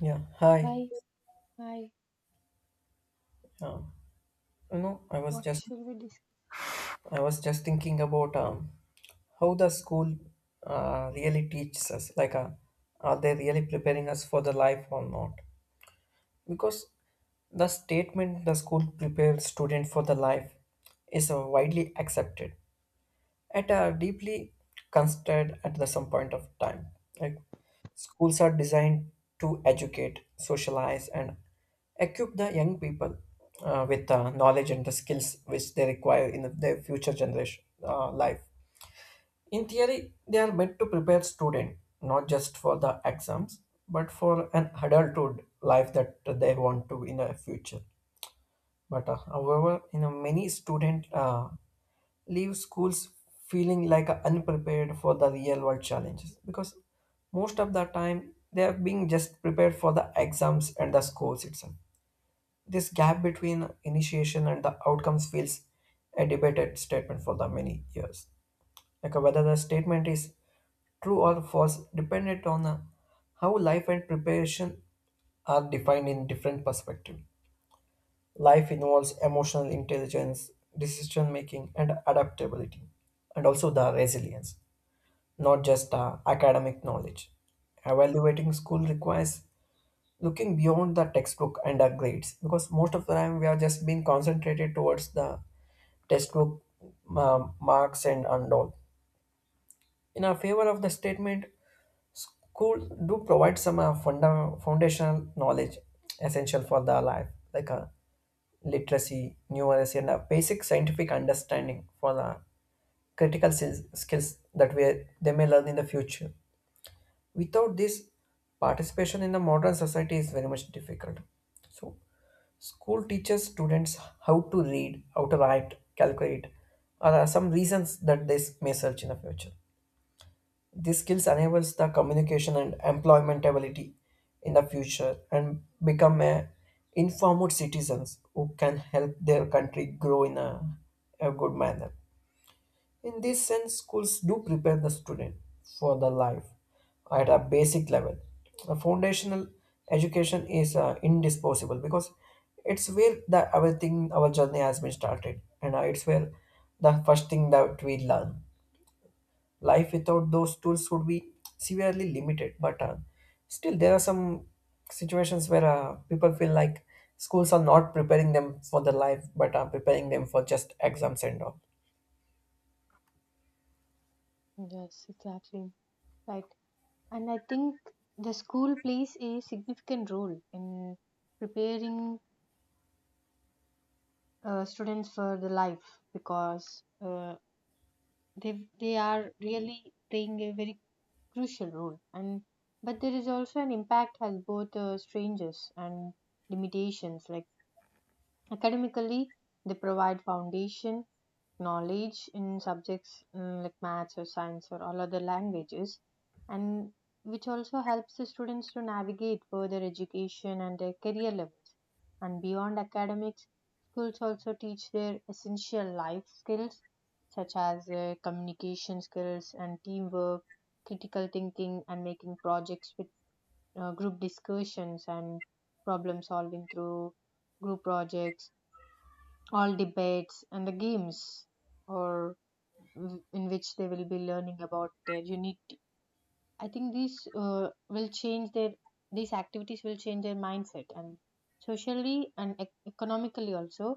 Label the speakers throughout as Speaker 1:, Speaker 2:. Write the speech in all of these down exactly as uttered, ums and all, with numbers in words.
Speaker 1: Yeah, hi.
Speaker 2: Hi, hi.
Speaker 1: Um, you know, I was
Speaker 2: What
Speaker 1: just
Speaker 2: shall we discuss?
Speaker 1: I was just thinking about um, how the school uh, really teaches us. Like, uh, are they really preparing us for the life or not? Because the statement the school prepares student for the life is uh, widely accepted, at a deeply considered at the some point of time. Like schools are designed to educate, socialize, and equip the young people uh, with the knowledge and the skills which they require in their future generation uh, life. In theory, they are meant to prepare student not just for the exams but for an adulthood life that they want to in the future. But uh, however, you know many student. Uh, leave schools feeling like unprepared for the real world challenges because most of the time they are being just prepared for the exams and the scores itself. This gap between initiation and the outcomes feels a debated statement for the many years, like uh, whether the statement is true or false dependent on uh, how life and preparation are defined in different perspective. Life involves emotional intelligence, decision making, and adaptability, and also the resilience, not just uh, academic knowledge. Evaluating school requires looking beyond the textbook and the grades, because most of the time we are just being concentrated towards the textbook, um, marks and, and all. In our favor of the statement, School do provide some uh, funda- foundational knowledge essential for the life, like uh, literacy, numeracy, and a basic scientific understanding for the critical sis- skills that we they may learn in the future. Without this, participation in the modern society is very much difficult. So, school teaches students how to read, how to write, calculate, or are some reasons that they may search in the future. These skills enables the communication and employment ability in the future and become a informed citizens who can help their country grow in a, a good manner. In this sense, schools do prepare the student for the life at a basic level. A foundational education is uh, indispensable because it's where the everything our journey has been started, and uh, it's where the first thing that we learn. Life without those tools would be severely limited. But uh, still, there are some situations where uh, people feel like schools are not preparing them for the life, but are preparing them for just exams and all.
Speaker 2: Yes, exactly. Right. And I think the school plays a significant role in preparing uh, students for the life because uh, they they are really playing a very crucial role. And but there is also an impact has both uh, strangers and limitations. Like academically, they provide foundation knowledge in subjects mm, like maths or science or all other languages and which also helps the students to navigate further education and their career levels and beyond academics schools also teach their essential life skills such as uh, communication skills and teamwork critical thinking and making projects with uh, group discussions and problem solving through group projects all debates and the games or w- in which they will be learning about their unique I think these uh, will change their these activities will change their mindset and socially and ec- economically also.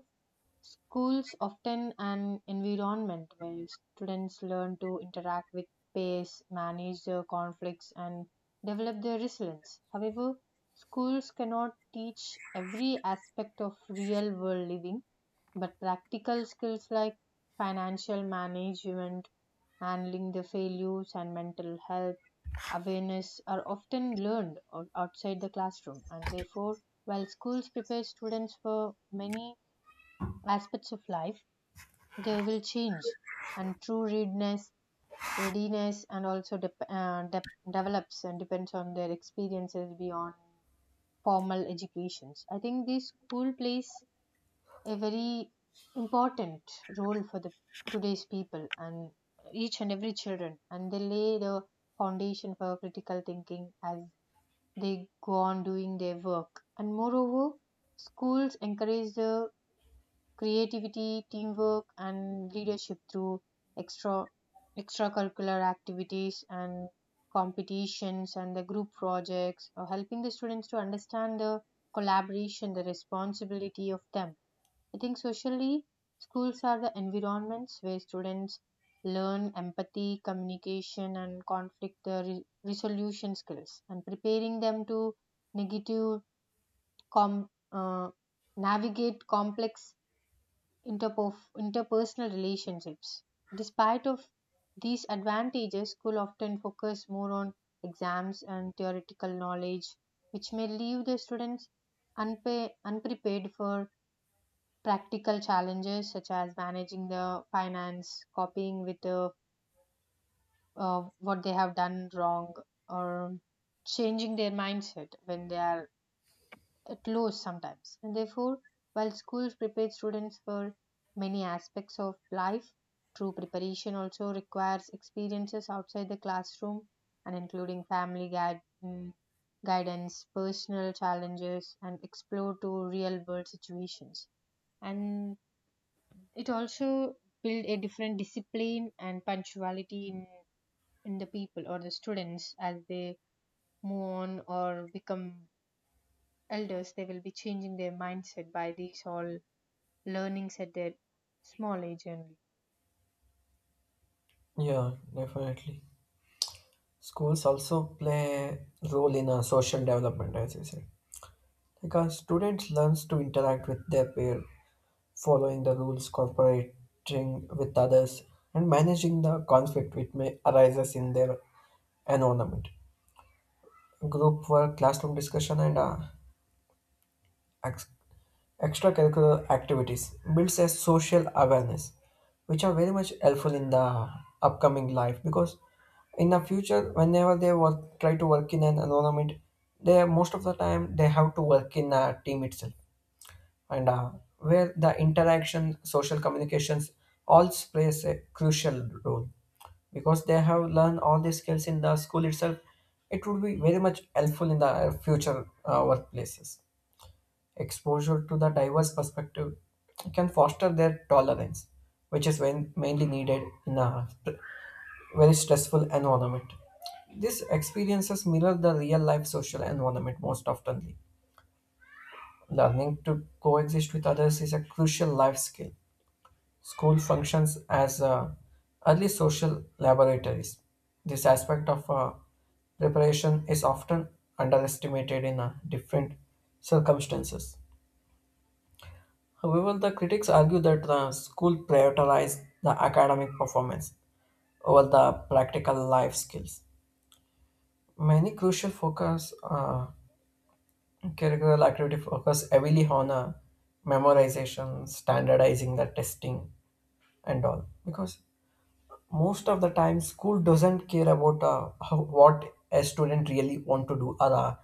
Speaker 2: Schools often an environment where students learn to interact with peers, manage their conflicts, and develop their resilience. However, schools cannot teach every aspect of real world living, but practical skills like financial management, handling the failures, and mental health awareness are often learned out- outside the classroom. And therefore, while schools prepare students for many aspects of life, they will change and true readiness readiness and also dep uh, dep develops and depends on their experiences beyond formal educations. I think this school plays a very important role for the today's people and each and every children and they lay the foundation for critical thinking as they go on doing their work and moreover schools encourage the creativity, teamwork, and leadership through extra extracurricular activities and competitions and the group projects, or helping the students to understand the collaboration, the responsibility of them. I think socially, schools are the environments where students learn empathy, communication, and conflict uh, re- resolution skills, and preparing them to negative com- uh, navigate complex interpo- interpersonal relationships. Despite of these advantages, school often focus more on exams and theoretical knowledge, which may leave the students unpa- unprepared for practical challenges such as managing the finance, copying with uh, uh, what they have done wrong, or changing their mindset when they are at lows sometimes. And therefore, while schools prepare students for many aspects of life, true preparation also requires experiences outside the classroom and including family guide, mm, guidance, personal challenges, and explore to real world situations. And it also build a different discipline and punctuality in, in the people or the students as they move on or become elders, they will be changing their mindset by these all learnings at their small age only.
Speaker 1: Yeah, definitely. Schools also play a role in uh, social development, as you said, because students learns to interact with their peer, following the rules, cooperating with others, and managing the conflict which may arises in their environment. Group work, classroom discussion, and uh, ex- extracurricular activities builds a social awareness, which are very much helpful in the upcoming life. Because in the future, whenever they work, try to work in an environment, they most of the time they have to work in a team itself, and uh, where the interaction social communications all plays a crucial role. Because they have learned all these skills in the school itself, it would be very much helpful in the future uh, workplaces. Exposure to the diverse perspective can foster their tolerance, which is when mainly needed in a very stressful environment. These experiences mirror the real life social environment most oftenly. Learning to coexist with others is a crucial life skill. School functions as uh, early social laboratories. This aspect of uh, preparation is often underestimated in uh, different circumstances. However, the critics argue that the school prioritized the academic performance over the practical life skills. Many crucial focus uh, curricular activity focus heavily on uh, memorization, standardizing the testing, and all, because most of the time school doesn't care about uh, how, what a student really want to do, or uh,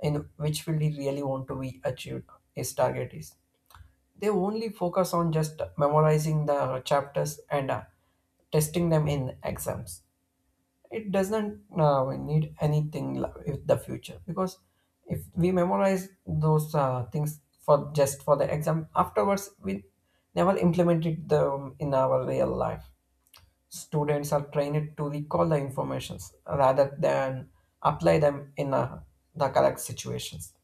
Speaker 1: in which field he really want to be achieved his target is. They only focus on just memorizing the chapters and uh, testing them in exams. It doesn't uh, need anything la- with the future, because if we memorize those uh, things for just for the exam, afterwards we never implement it um, in our real life. Students are trained to recall the informations rather than apply them in uh, the correct situations.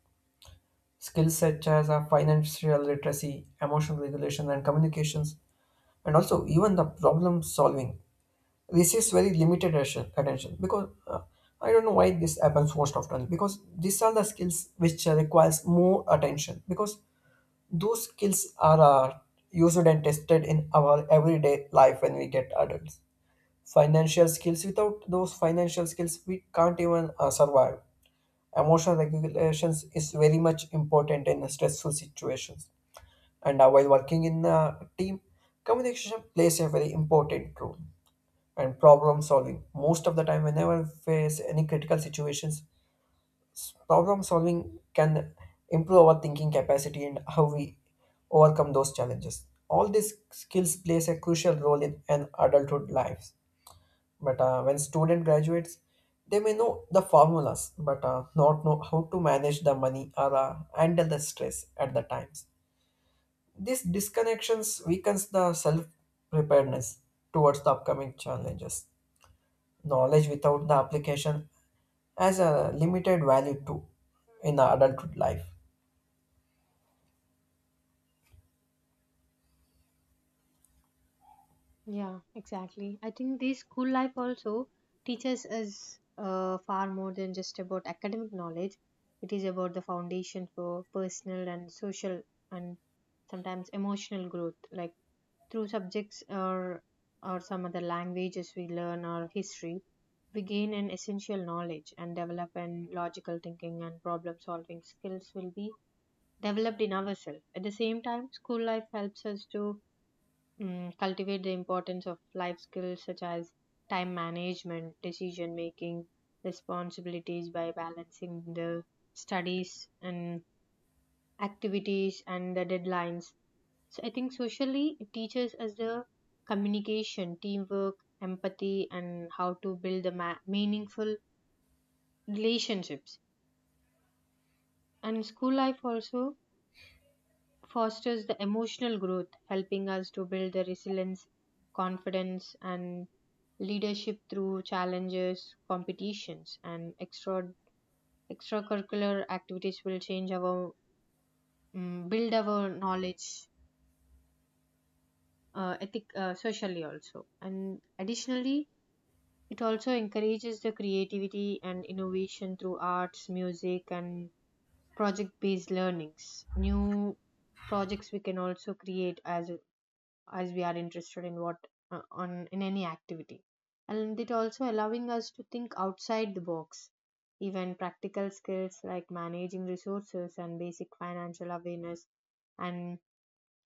Speaker 1: Skills such as uh, financial literacy, emotional regulation, and communications, and also even the problem solving receives very limited attention attention because uh, I don't know why this happens most often, because these are the skills which uh, requires more attention, because those skills are uh, used and tested in our everyday life when we get adults. Financial skills, without those financial skills we can't even uh, survive. Emotional regulations is very much important in stressful situations, and uh, while working in a team communication plays a very important role. And problem solving, most of the time whenever we face any critical situations, s- problem solving can improve our thinking capacity and how we overcome those challenges. All these skills plays a crucial role in an adulthood lives. But uh, when student graduates, they may know the formulas but uh, not know how to manage the money or uh, handle the stress at the times. These disconnections weakens the self preparedness towards the upcoming challenges. Knowledge without the application has a limited value too in the adulthood life.
Speaker 2: Yeah, exactly. I think this school life also teaches us uh, far more than just about academic knowledge. It is about the foundation for personal and social and sometimes emotional growth. Like through subjects or or some other languages we learn or history, we gain an essential knowledge and develop an logical thinking and problem solving skills will be developed in ourselves. At the same time, school life helps us to mm cultivate the importance of life skills such as time management, decision making, responsibilities by balancing the studies and activities and the deadlines. So I think socially it teaches us the communication, teamwork, empathy, and how to build the ma- meaningful relationships. And school life also fosters the emotional growth, helping us to build the resilience, confidence, and leadership through challenges, competitions, and extra extracurricular activities will change our mm build our knowledge uh, ethic uh, socially also and additionally it also encourages the creativity and innovation through arts music and project based learnings new projects we can also create as as we are interested in what uh, on in any activity and it also allowing us to think outside the box even practical skills like managing resources and basic financial awareness and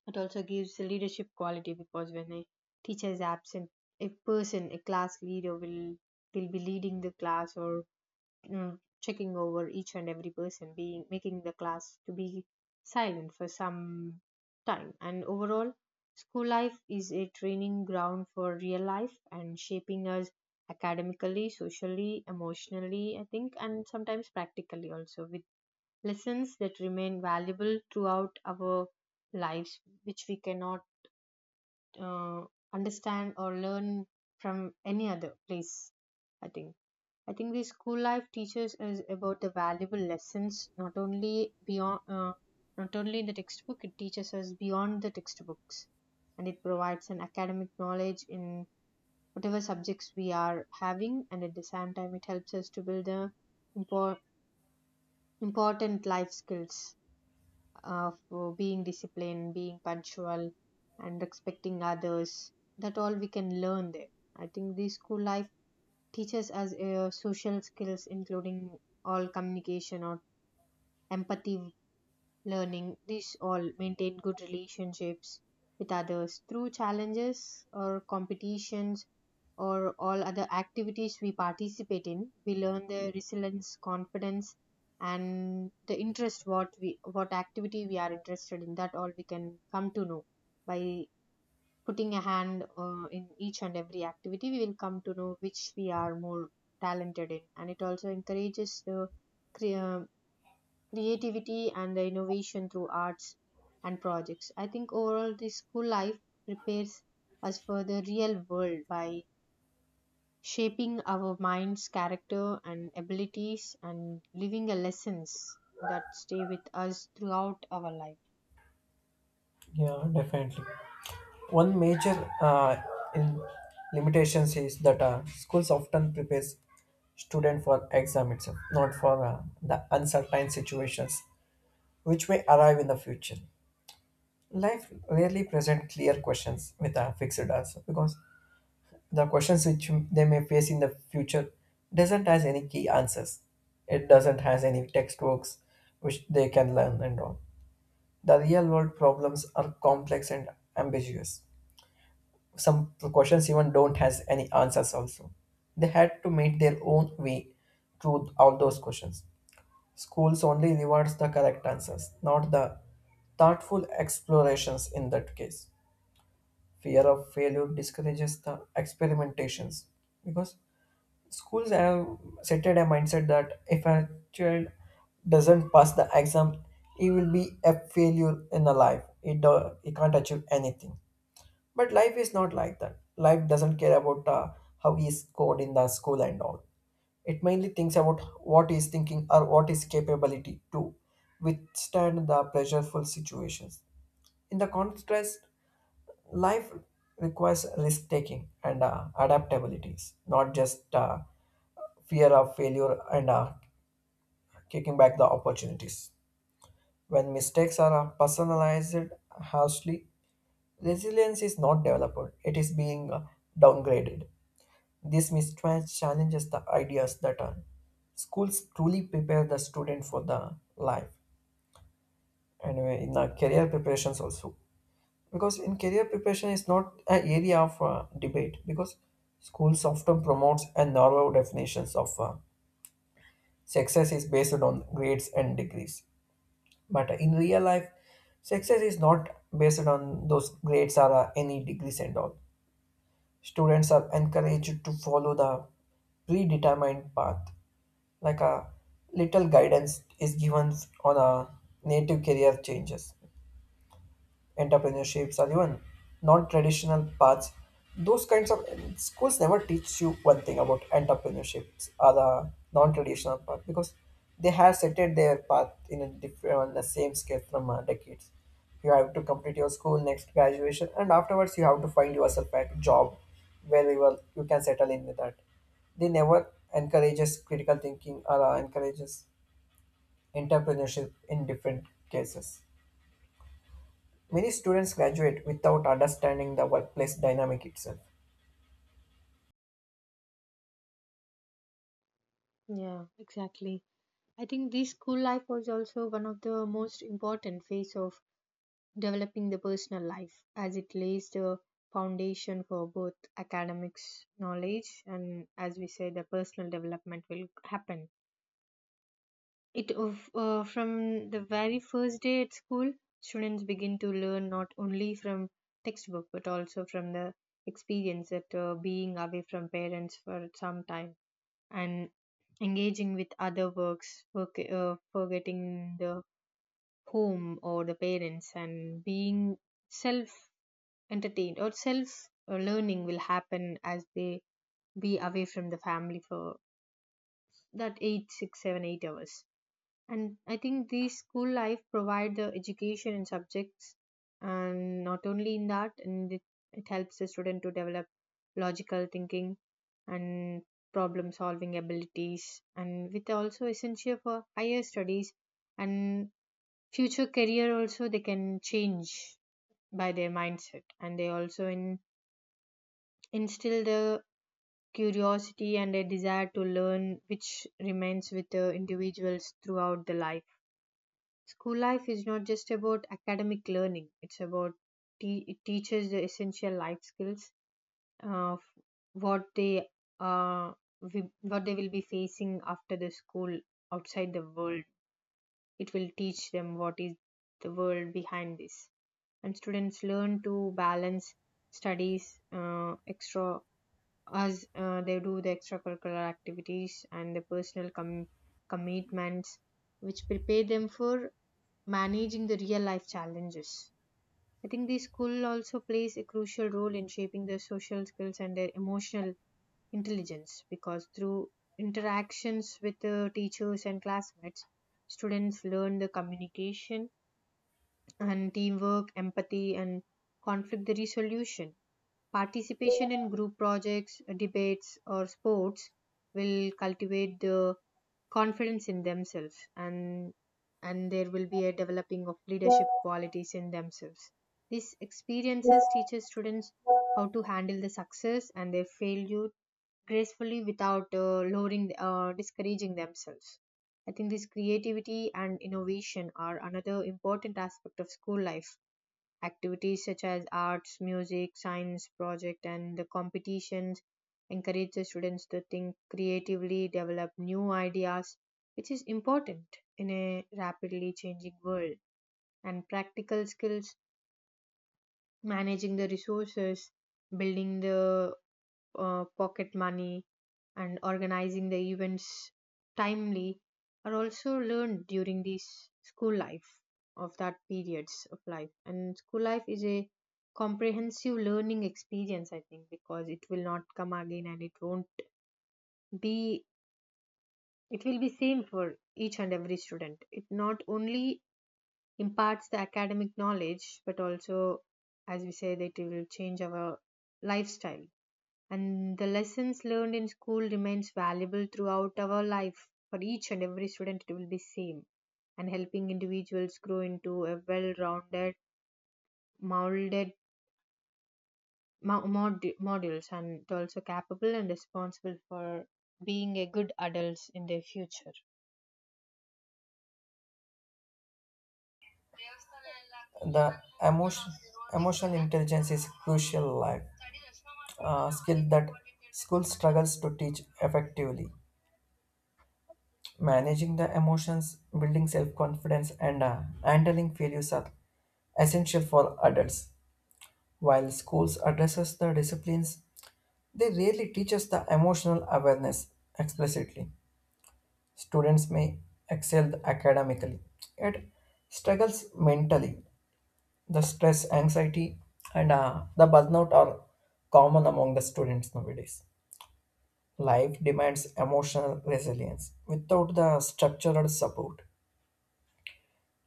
Speaker 2: it also gives leadership quality because when a teacher is absent a person a class leader will will be leading the class or mm, checking over each and every person, being making the class to be silent for some time. And overall, school life is a training ground for real life and shaping us academically, socially, emotionally, I think, and sometimes practically also with lessons that remain valuable throughout our lives, which we cannot uh, understand or learn from any other place, I think. I think the school life teaches us about the valuable lessons not only beyond uh, not only in the textbook, it teaches us beyond the textbooks and it provides an academic knowledge in whatever subjects we are having and at the same time it helps us to build the impor- important life skills of uh, being disciplined being punctual and respecting others that all we can learn there. I think the school life teaches us uh, social skills, including all communication or empathy learning. These all maintain good relationships with others through challenges or competitions or all other activities we participate in. We learn the resilience, confidence, and the interest what we what activity we are interested in. That all we can come to know by putting a hand uh, in each and every activity, we will come to know which we are more talented in. And it also encourages the cre- uh, creativity and the innovation through arts and projects. I think overall, this school life prepares us for the real world by shaping our minds, character, and abilities, and living a lessons that stay with us throughout our life.
Speaker 1: Yeah, definitely. One major uh, in limitations is that uh, schools often prepares student for exam itself, not for uh, the uncertain situations which may arrive in the future. Life rarely present clear questions with a fixed answer, because the questions which they may face in the future doesn't has any key answers. It doesn't has any textbooks which they can learn and all. The real world problems are complex and ambiguous. Some questions even don't has any answers also. They had to make their own way through all those questions. Schools only rewards the correct answers, not the thoughtful explorations. In that case, fear of failure discourages the experimentations, because schools have set a mindset that if a child doesn't pass the exam, he will be a failure in a life, he, do, he can't achieve anything. But life is not like that. Life doesn't care about uh, how he is scored in the school and all. It mainly thinks about what he is thinking or what his capability to withstand the pressureful situations. In the contrast, life requires risk taking and uh, adaptabilities, not just uh, fear of failure and uh, kicking back the opportunities. When mistakes are uh, personalized harshly, resilience is not developed, it is being uh, downgraded. This mistrust challenges the ideas that uh, schools truly prepare the student for the life and uh, in the career preparations also. Because in career preparation is not an area of uh, debate, because schools often promotes a narrow definitions of uh, success is based on grades and degrees. But in real life, success is not based on those grades or uh, any degrees and all. Students are encouraged to follow the predetermined path, like a little guidance is given on a native career changes, entrepreneurships, or even non-traditional paths. Those kinds of schools never teach you one thing about entrepreneurships or the non-traditional path, because they have set it their path in a different on the same scale from uh, decades. You have to complete your school next graduation, and afterwards you have to find yourself a job where you will you can settle in with that. They never encourages critical thinking or uh, encourages entrepreneurship in different cases. Many students graduate without understanding the workplace dynamic itself.
Speaker 2: Yeah, exactly. I think this school life was also one of the most important phase of developing the personal life as it lays the foundation for both academics knowledge and as we say the personal development will happen it of- uh, from the very first day at school students begin to learn not only from textbook but also from the experience that uh, being away from parents for some time and engaging with other works forg- uh, forgetting the home or the parents and being self entertained or self uh, learning will happen as they be away from the family for that eight six seven eight hours and I think the school life provide the education and subjects and not only in that and it, it helps the student to develop logical thinking and problem solving abilities and with also essential for higher studies and future career also they can change by their mindset and they also in, instill the curiosity and a desire to learn which remains with the individuals throughout the life. School life is not just about academic learning, it's about te- it teaches the essential life skills of what they uh, wi- what they will be facing after the school outside the world. It will teach them what is the world behind this. And students learn to balance studies uh, extra as uh, they do the extracurricular activities and the personal com- commitments which prepare them for managing the real life challenges. I think the school also plays a crucial role in shaping their social skills and their emotional intelligence because through interactions with the teachers and classmates students learn the communication and teamwork, empathy, and conflict resolution. Participation in group projects, debates, or sports will cultivate the confidence in themselves, and and there will be a developing of leadership qualities in themselves. These experiences teaches students how to handle the success and their failure gracefully without uh, lowering, uh, discouraging themselves. I think this creativity and innovation are another important aspect of school life. Activities such as arts, music, science project, and the competitions encourage the students to think creatively, develop new ideas, which is important in a rapidly changing world. And practical skills, managing the resources, building the uh, pocket money and organizing the events timely are also learned during this school life of that periods of life. And school life is a comprehensive learning experience, I think, because it will not come again and it won't be it will be same for each and every student. It not only imparts the academic knowledge but also as we say that it will change our lifestyle and the lessons learned in school remains valuable throughout our life for each and every student it will be same and helping individuals grow into a well-rounded molded mo- mod- models and also capable and responsible for being a good adults in their future.
Speaker 1: The emotion, Emotional intelligence is crucial life uh, skill that school struggles to teach effectively. Managing the emotions, building self-confidence, and uh, handling failures are essential for adults. While schools addresses the disciplines, they rarely teach us the emotional awareness explicitly. Students may excel academically, yet struggles mentally. The stress, anxiety, and uh, the burnout are common among the students nowadays. Life demands emotional resilience. Without the structural support,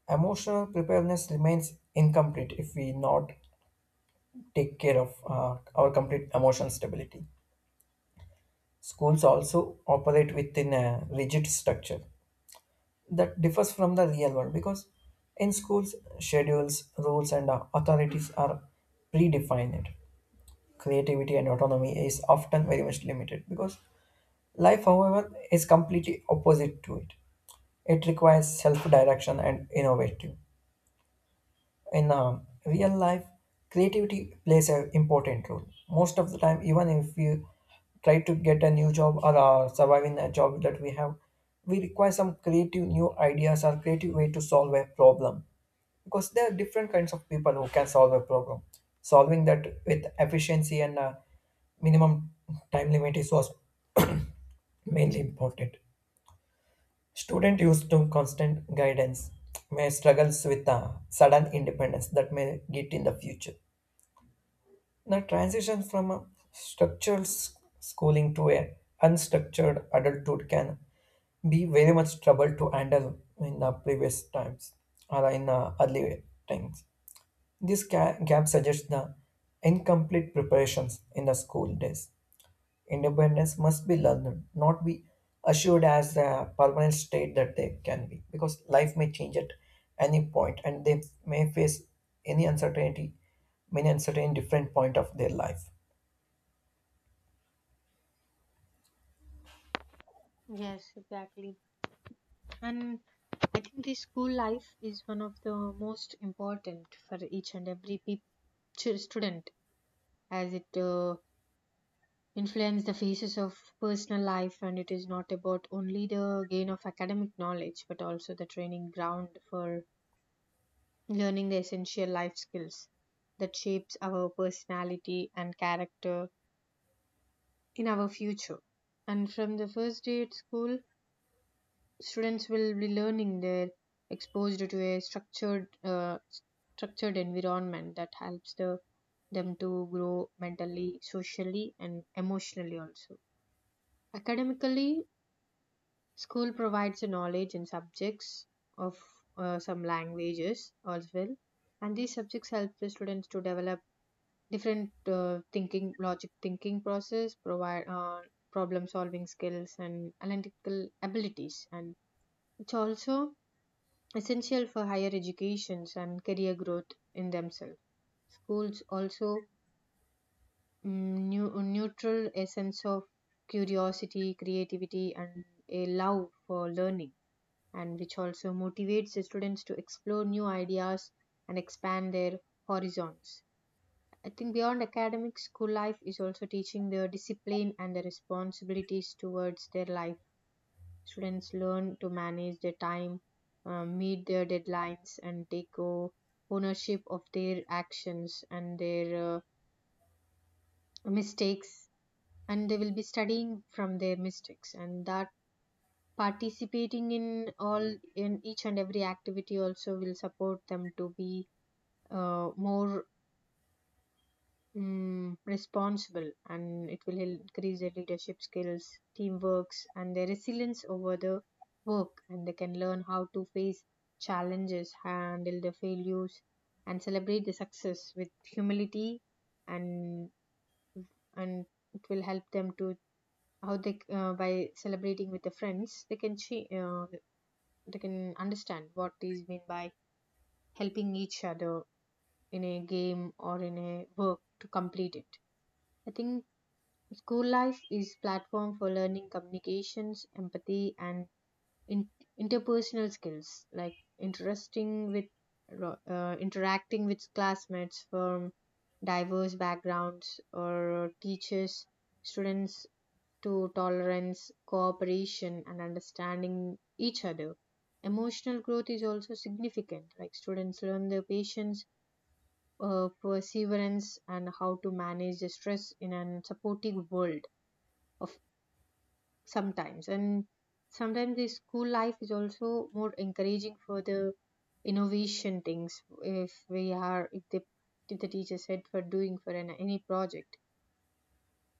Speaker 1: emotional preparedness remains incomplete if we not take care of uh, our complete emotional stability. Schools also operate within a rigid structure that differs from the real world, because in schools schedules rules and uh, authorities are predefined. Creativity and autonomy is often very much limited, because life however is completely opposite to it. It requires self-direction and innovative in um, real life. Creativity plays an important role most of the time. Even if we try to get a new job or uh, survive in a job that we have, we require some creative new ideas or creative way to solve a problem, because there are different kinds of people who can solve a problem. Solving that with efficiency and uh, minimum time limit is also mainly important. Student used to constant guidance may struggle with a sudden independence that may get in the future. The transition from a structured s- schooling to a unstructured adulthood can be very much trouble to handle in the previous times or in the early times. This ga- gap suggests the incomplete preparations in the school days. Independence must be learned, not be assured as a permanent state that they can be, because life may change at any point and they may face any uncertainty, many uncertain different point of their life.
Speaker 2: Yes, exactly. And I think the school life is one of the most important for each and every peop- ch- student as it uh, influence the phases of personal life and it is not about only the gain of academic knowledge but also the training ground for learning the essential life skills that shapes our personality and character in our future and from the first day at school students will be learning they're exposed to a structured uh, structured environment that helps the, them to grow mentally socially and emotionally also academically. School provides a knowledge in subjects of uh, some languages as well, and these subjects help the students to develop different uh, thinking, logic thinking process, provide uh, problem solving skills and analytical abilities, and it's also essential for higher educations and career growth in themselves. Schools also mm, new, neutral a sense of curiosity, creativity, and a love for learning and which also motivates the students to explore new ideas and expand their horizons. I think beyond academic school life is also teaching the discipline and the responsibilities towards their life. Students learn to manage their time, uh, meet their deadlines, and take o- ownership of their actions and their uh, mistakes. And they will be studying from their mistakes, and that participating in all in each and every activity also will support them to be uh, more um, responsible and it will increase their leadership skills teamworks and their resilience over the work and they can learn how to face challenges handle the failures and celebrate the success with humility and and it will help them to how they uh, by celebrating with the friends they can che- uh, they can understand what is mean by helping each other in a game or in a work to complete it. I think school life is platform for learning communications, empathy, and in- interpersonal skills like interesting with ro- uh, interacting with classmates from diverse backgrounds or teachers students to tolerance, cooperation, and understanding each other. Emotional growth is also significant. Like students learn their patience, uh, perseverance, and how to manage the stress in a supportive world of sometimes. And sometimes the school life is also more encouraging for the innovation things. If we are, if the if the teacher said for doing for an, any project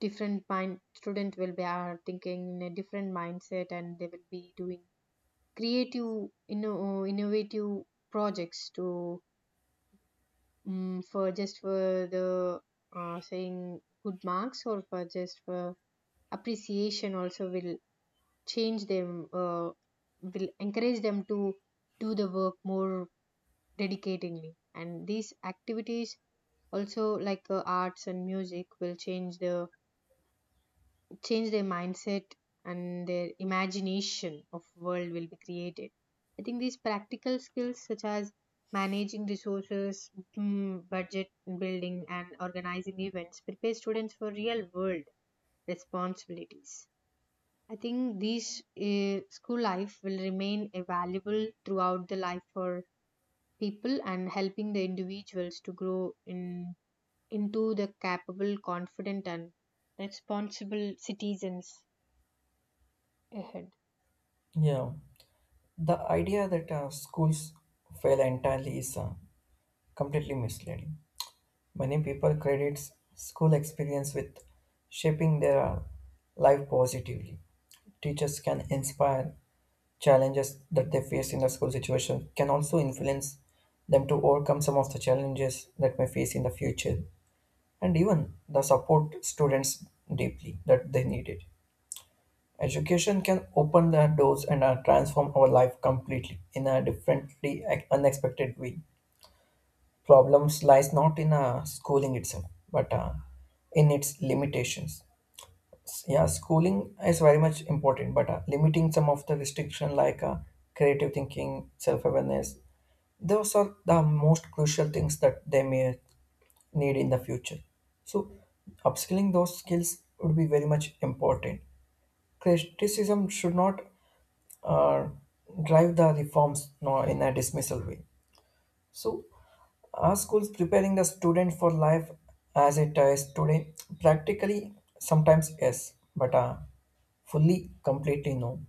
Speaker 2: different mind student will be are thinking in a different mindset and they will be doing creative inno- innovative projects to um for just for the uh, saying good marks or for just for appreciation also will change them uh, will encourage them to do the work more dedicatingly and these activities also like uh, arts and music will change the change their mindset and their imagination of world will be created. I think these practical skills such as managing resources mm, budget building and organizing events prepare students for real world responsibilities. I think these uh, school life will remain a valuable throughout the life for people and helping the individuals to grow in into the capable confident and responsible citizens ahead.
Speaker 1: Yeah, the idea that uh, schools fail entirely is uh, completely misleading. Many people credits school experience with shaping their uh, life positively. Teachers can inspire, challenges that they face in the school situation can also influence them to overcome some of the challenges that may face in the future, and even the support students deeply that they needed. Education can open the doors and uh, transform our life completely in a differently uh, unexpected way. Problems lies not in uh, schooling itself, but uh, in its limitations. S- Yeah, schooling is very much important, but uh, limiting some of the restriction like uh, creative thinking, self-awareness, those are the most crucial things that they may need in the future. So, upskilling those skills would be very much important. Criticism should not uh, drive the reforms no, in a dismissal way. So, our schools preparing the student for life as it is today, practically sometimes yes, but uh, fully completely no.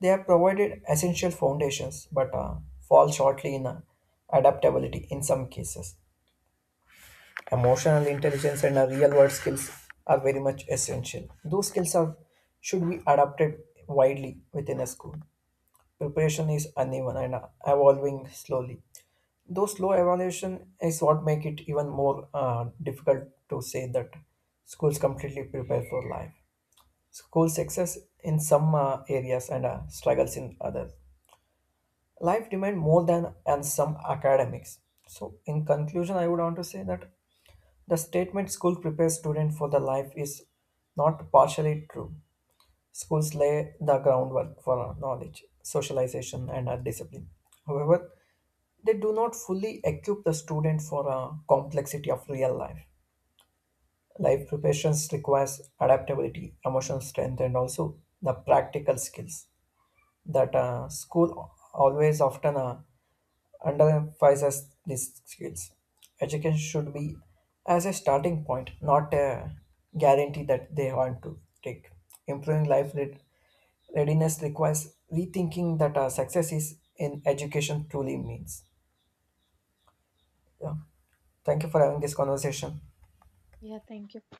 Speaker 1: They have provided essential foundations, but uh, fall shortly in uh, adaptability in some cases. Emotional intelligence and uh, real world skills are very much essential. Those skills are should be adapted widely within a school. Preparation is uneven and uh, evolving slowly. Though slow evaluation is what make it even more uh, difficult to say that schools completely prepare for life. School success in some uh, areas and uh, struggles in others. Life demand more than and some academics. So in conclusion, I would want to say that the statement school prepares student for the life is not partially true. Schools lay the groundwork for knowledge, socialization, and uh, discipline. However, they do not fully equip the student for a complexity of real life. Life preparations requires adaptability, emotional strength, and also the practical skills that uh, school always often uh, underemphasizes these skills. Education should be as a starting point, not a guarantee that they want to take. Improving life read- readiness requires rethinking that our success is in education truly means. Yeah. Thank you for having this conversation.
Speaker 2: Yeah, thank you.